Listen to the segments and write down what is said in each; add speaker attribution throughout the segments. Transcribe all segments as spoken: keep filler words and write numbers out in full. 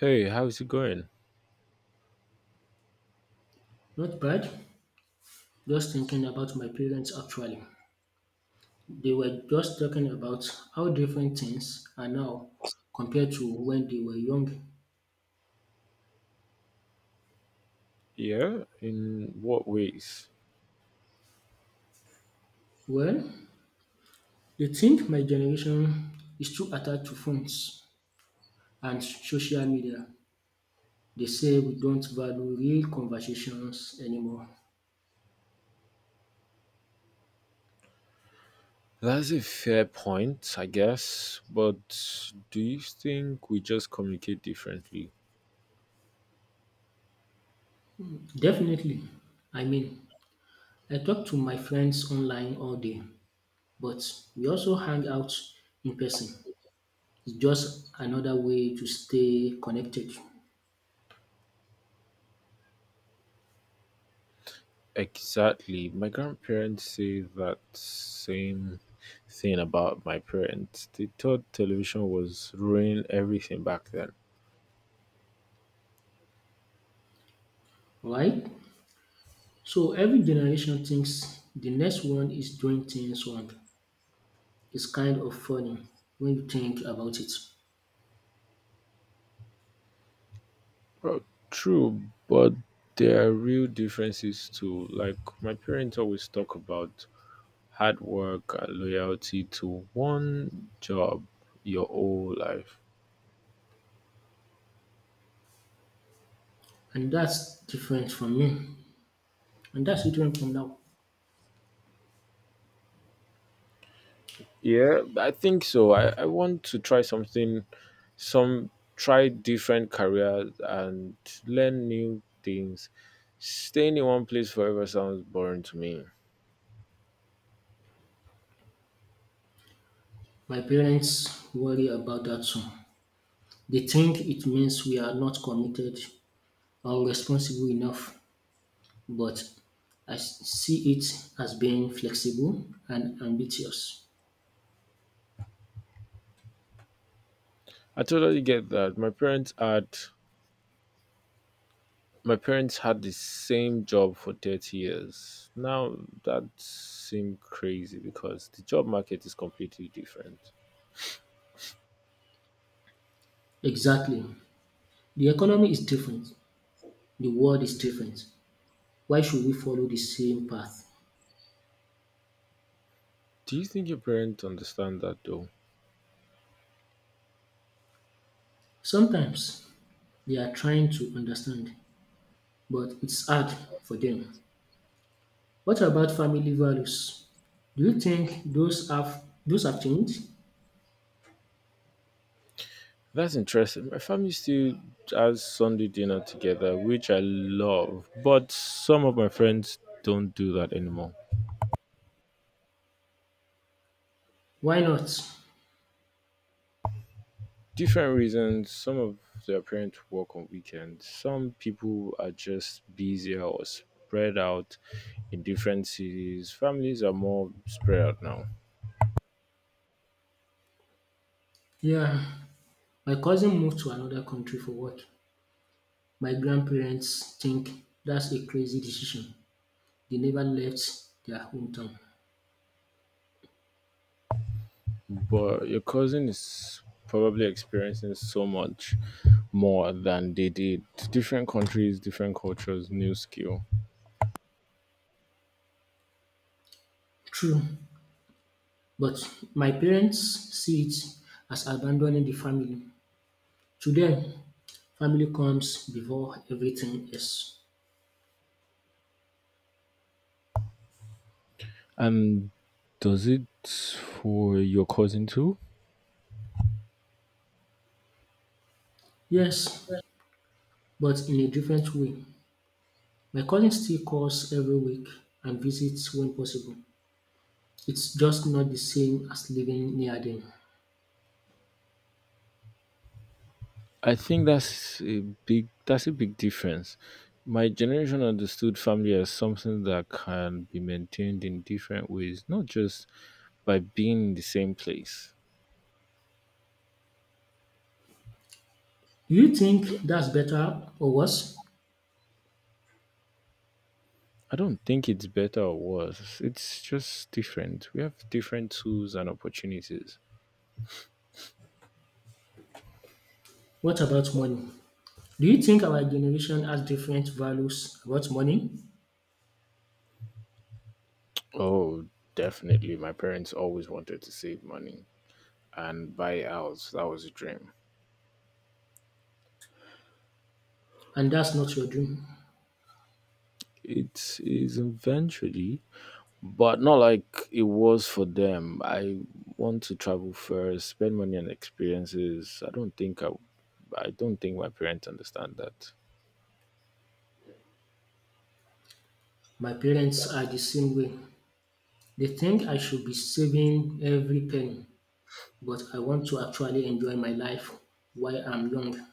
Speaker 1: Hey, how's it going?
Speaker 2: Not bad. Just thinking about my parents actually. They were just talking about how different things are now compared to when they were young.
Speaker 1: Yeah, in what ways?
Speaker 2: Well, they think my generation is too attached to phones and social media. They say we don't value real conversations anymore.
Speaker 1: That's a fair point, I guess, but do you think we just communicate differently?
Speaker 2: Definitely. I mean, I talk to my friends online all day, but we also hang out in person. It's just another way to stay connected.
Speaker 1: Exactly. My grandparents say that same thing about my parents. They thought television was ruining everything back then.
Speaker 2: Right? So every generation thinks the next one is doing things wrong. It's kind of funny when you think about it.
Speaker 1: Well, true, but there are real differences too. Like my parents always talk about hard work and loyalty to one job your whole life.
Speaker 2: And that's different from me. And that's different from now.
Speaker 1: Yeah, I think so. I, I want to try something, some try different careers and learn new things. Staying in one place forever sounds boring to me.
Speaker 2: My parents worry about that too. They think it means we are not committed or responsible enough, but I s- see it as being flexible and ambitious.
Speaker 1: I totally get that. My parents had my parents had the same job for thirty years. Now that seems crazy because the job market is completely different.
Speaker 2: Exactly. The economy is different. The world is different. Why should we follow the same path?
Speaker 1: Do you think your parents understand that though?
Speaker 2: Sometimes they are trying to understand, but it's hard for them. What about family values? Do you think those have those have changed?
Speaker 1: That's interesting. My family still has Sunday dinner together, which I love, but some of my friends don't do that anymore.
Speaker 2: Why not?
Speaker 1: Different reasons. Some of their parents work on weekends. Some people are just busier or spread out in different cities. Families are more spread out now.
Speaker 2: Yeah, my cousin moved to another country for work. My grandparents think that's a crazy decision. They never left their hometown.
Speaker 1: But your cousin is probably experiencing so much more than they did. Different countries, different cultures, new skill.
Speaker 2: True, but my parents see it as abandoning the family. To them, family comes before everything else.
Speaker 1: Um, does it for your cousin too?
Speaker 2: Yes, but in a different way. My cousin still calls every week and visits when possible. It's just not the same as living near them.
Speaker 1: I think that's a big that's a big difference. My generation understood family as something that can be maintained in different ways, not just by being in the same place.
Speaker 2: Do you think that's better or worse?
Speaker 1: I don't think it's better or worse. It's just different. We have different tools and opportunities.
Speaker 2: What about money? Do you think our generation has different values about money?
Speaker 1: Oh, definitely. My parents always wanted to save money and buy a house. That was a dream.
Speaker 2: And that's not your dream.
Speaker 1: It is eventually but not like it was for them. I want to travel first, spend money on experiences. I don't think I, I don't think my parents understand that.
Speaker 2: My parents are the same way. They think I should be saving every penny, but I want to actually enjoy my life while I'm young.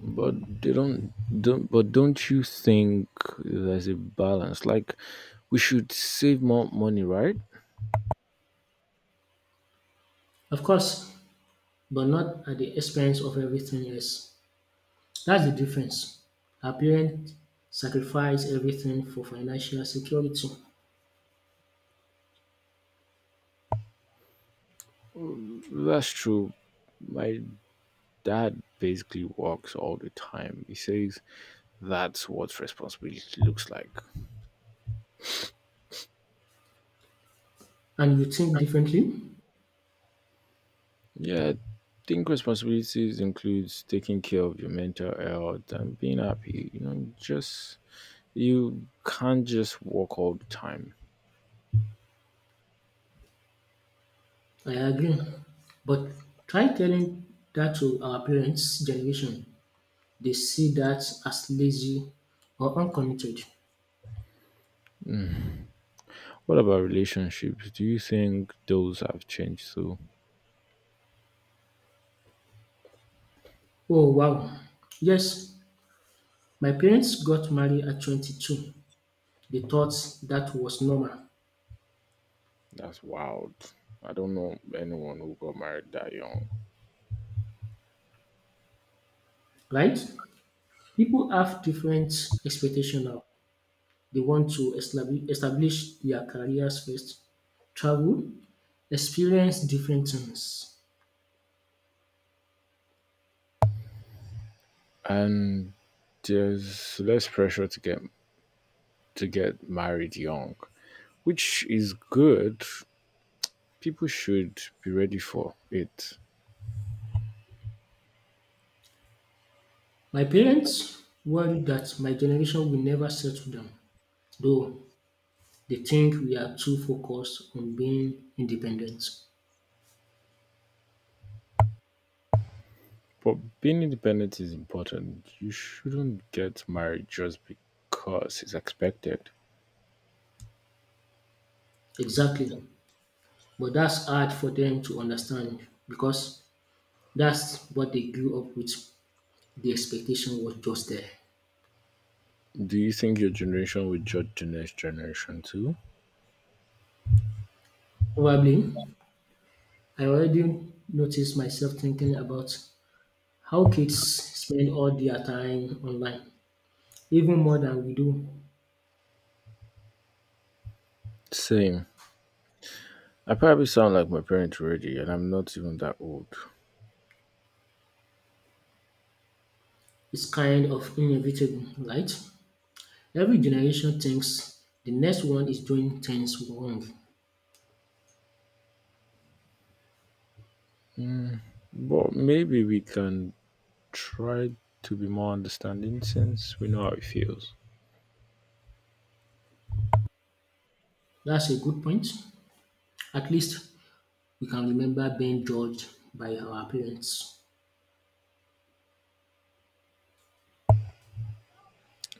Speaker 1: But they don't, don't. But don't you think there's a balance? Like we should save more money, right?
Speaker 2: Of course, but not at the expense of everything else. That's the difference. Our parents sacrifice everything for financial security.
Speaker 1: That's true. My dad basically works all the time. He says that's what responsibility looks like.
Speaker 2: And you think differently?
Speaker 1: Yeah, I think responsibilities includes taking care of your mental health and being happy. You know, just you can't just work all the time.
Speaker 2: I agree. But try telling that to our parents' generation. They see that as lazy or uncommitted.
Speaker 1: What about relationships? Do you think those have changed too?
Speaker 2: Oh, wow. Yes, my parents got married at twenty-two. They thought that was normal,
Speaker 1: That's wild. I don't know anyone who got married that young.
Speaker 2: right? People have different expectations now. They want to establish establish their careers first, travel, experience different things.
Speaker 1: And there's less pressure to get to get married young, which is good. People should be ready for it.
Speaker 2: My parents warned that my generation will never settle down, though they think we are too focused on being independent.
Speaker 1: But being independent is important. You shouldn't get married just because it's expected.
Speaker 2: Exactly. But that's hard for them to understand because that's what they grew up with. The expectation was just there.
Speaker 1: Do you think your generation will judge the next generation too?
Speaker 2: Probably, I already noticed myself thinking about how kids spend all their time online, even more than we do.
Speaker 1: Same. I probably sound like my parents already, and I'm not even that old.
Speaker 2: It's kind of inevitable, right? Every generation thinks the next one is doing things wrong.
Speaker 1: Mm, but maybe we can try to be more understanding since we know how it feels.
Speaker 2: That's a good point. At least we can remember being judged by our parents.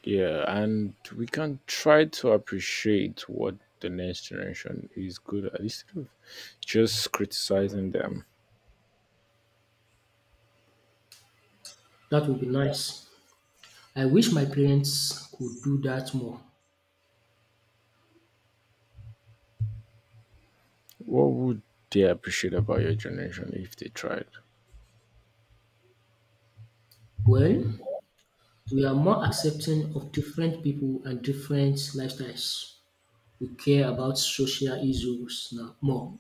Speaker 1: Yeah, and we can try to appreciate what the next generation is good at instead of just criticizing them.
Speaker 2: That would be nice. I wish my parents could do that more.
Speaker 1: What would they appreciate about your generation if they tried?
Speaker 2: Well, we are more accepting of different people and different lifestyles. We care about social issues now more,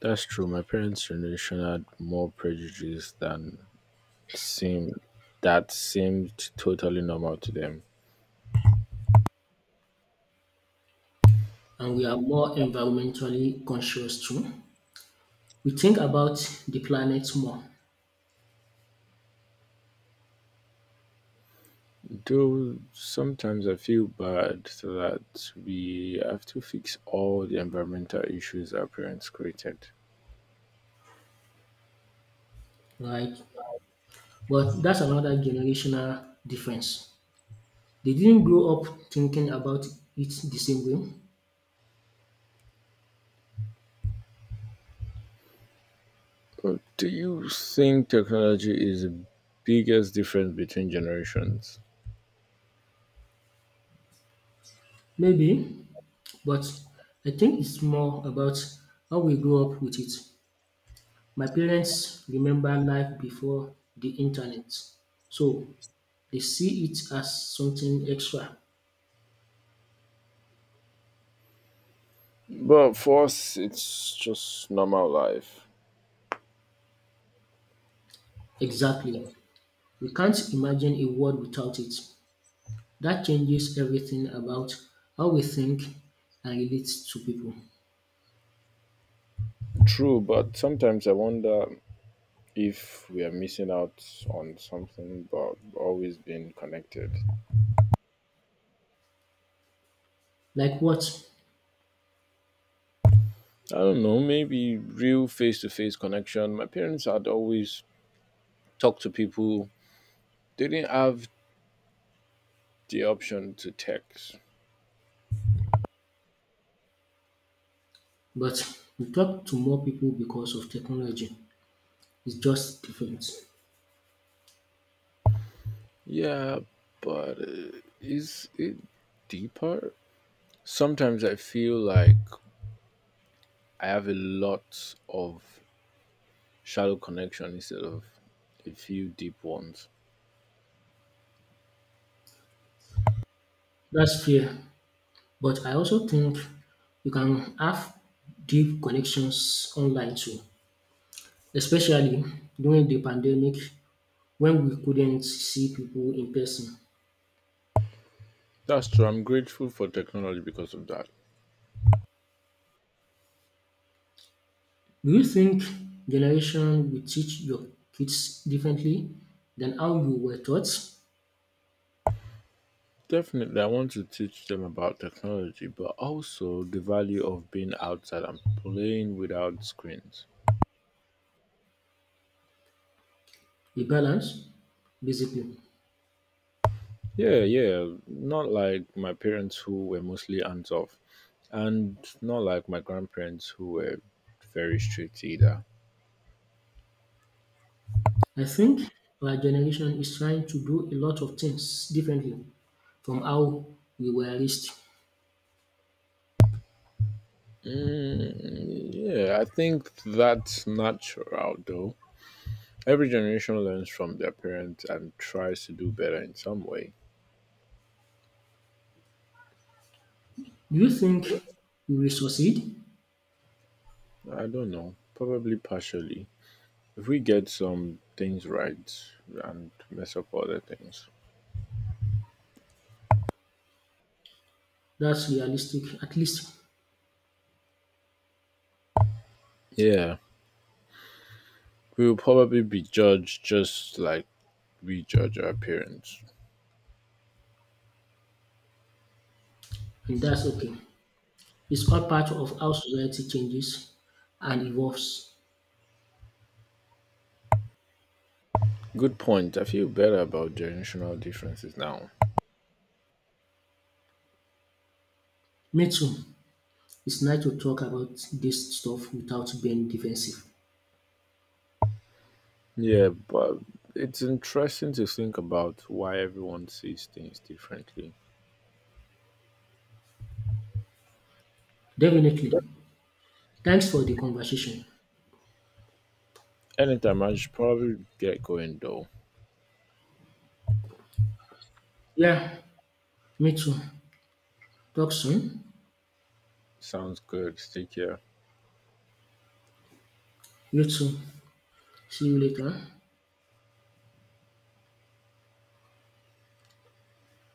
Speaker 1: That's true. My parents' generation had more prejudice than seemed that seemed totally normal to them.
Speaker 2: and we are more environmentally conscious too. We think about the planet more,
Speaker 1: Though sometimes I feel bad that we have to fix all the environmental issues our parents created.
Speaker 2: right? But that's another generational difference. They didn't grow up thinking about it the same way,
Speaker 1: But do you think technology is the biggest difference between generations?
Speaker 2: maybe, but I think it's more about how we grow up with it. My parents remember life before the internet, so they see it as something extra.
Speaker 1: But for us, it's just normal life.
Speaker 2: Exactly. We can't imagine a world without it. That changes everything about how we think and relate to people.
Speaker 1: True, but sometimes I wonder if we are missing out on something but always being connected.
Speaker 2: Like what?
Speaker 1: I don't know, maybe real face-to-face connection. My parents had always talked to people. They didn't have the option to text.
Speaker 2: But we talk to more people because of technology. It's just different.
Speaker 1: Yeah, but uh, is it deeper? Sometimes I feel like I have a lot of shallow connection instead of a few deep ones.
Speaker 2: That's fair. But I also think you can have deep connections online too, especially during the pandemic when we couldn't see people in person.
Speaker 1: That's true, I'm grateful for technology because of that.
Speaker 2: Do you think generation will teach your kids differently than how you were taught?
Speaker 1: Definitely, I want to teach them about technology, but also the value of being outside and playing without screens.
Speaker 2: A balance, basically.
Speaker 1: Yeah, yeah, not like my parents who were mostly hands off, and not like my grandparents who were very strict either.
Speaker 2: I think our generation is trying to do a lot of things differently from how we were raised.
Speaker 1: Mm, yeah, I think that's natural though. Every generation learns from their parents and tries to do better in some way.
Speaker 2: Do you think we will succeed?
Speaker 1: I don't know, probably partially. If we get some things right and mess up other things,
Speaker 2: That's realistic, at least,
Speaker 1: yeah, we will probably be judged just like we judge our parents.
Speaker 2: and that's okay. It's all part of how society changes and evolves.
Speaker 1: Good point. I feel better about generational differences now.
Speaker 2: Me too. It's nice to talk about this stuff without being defensive.
Speaker 1: Yeah, but it's interesting to think about why everyone sees things differently.
Speaker 2: Definitely. Thanks for the conversation.
Speaker 1: Anytime, I should probably get going though.
Speaker 2: Yeah, me too. Talk soon.
Speaker 1: Sounds good. Take care.
Speaker 2: You too. See you later.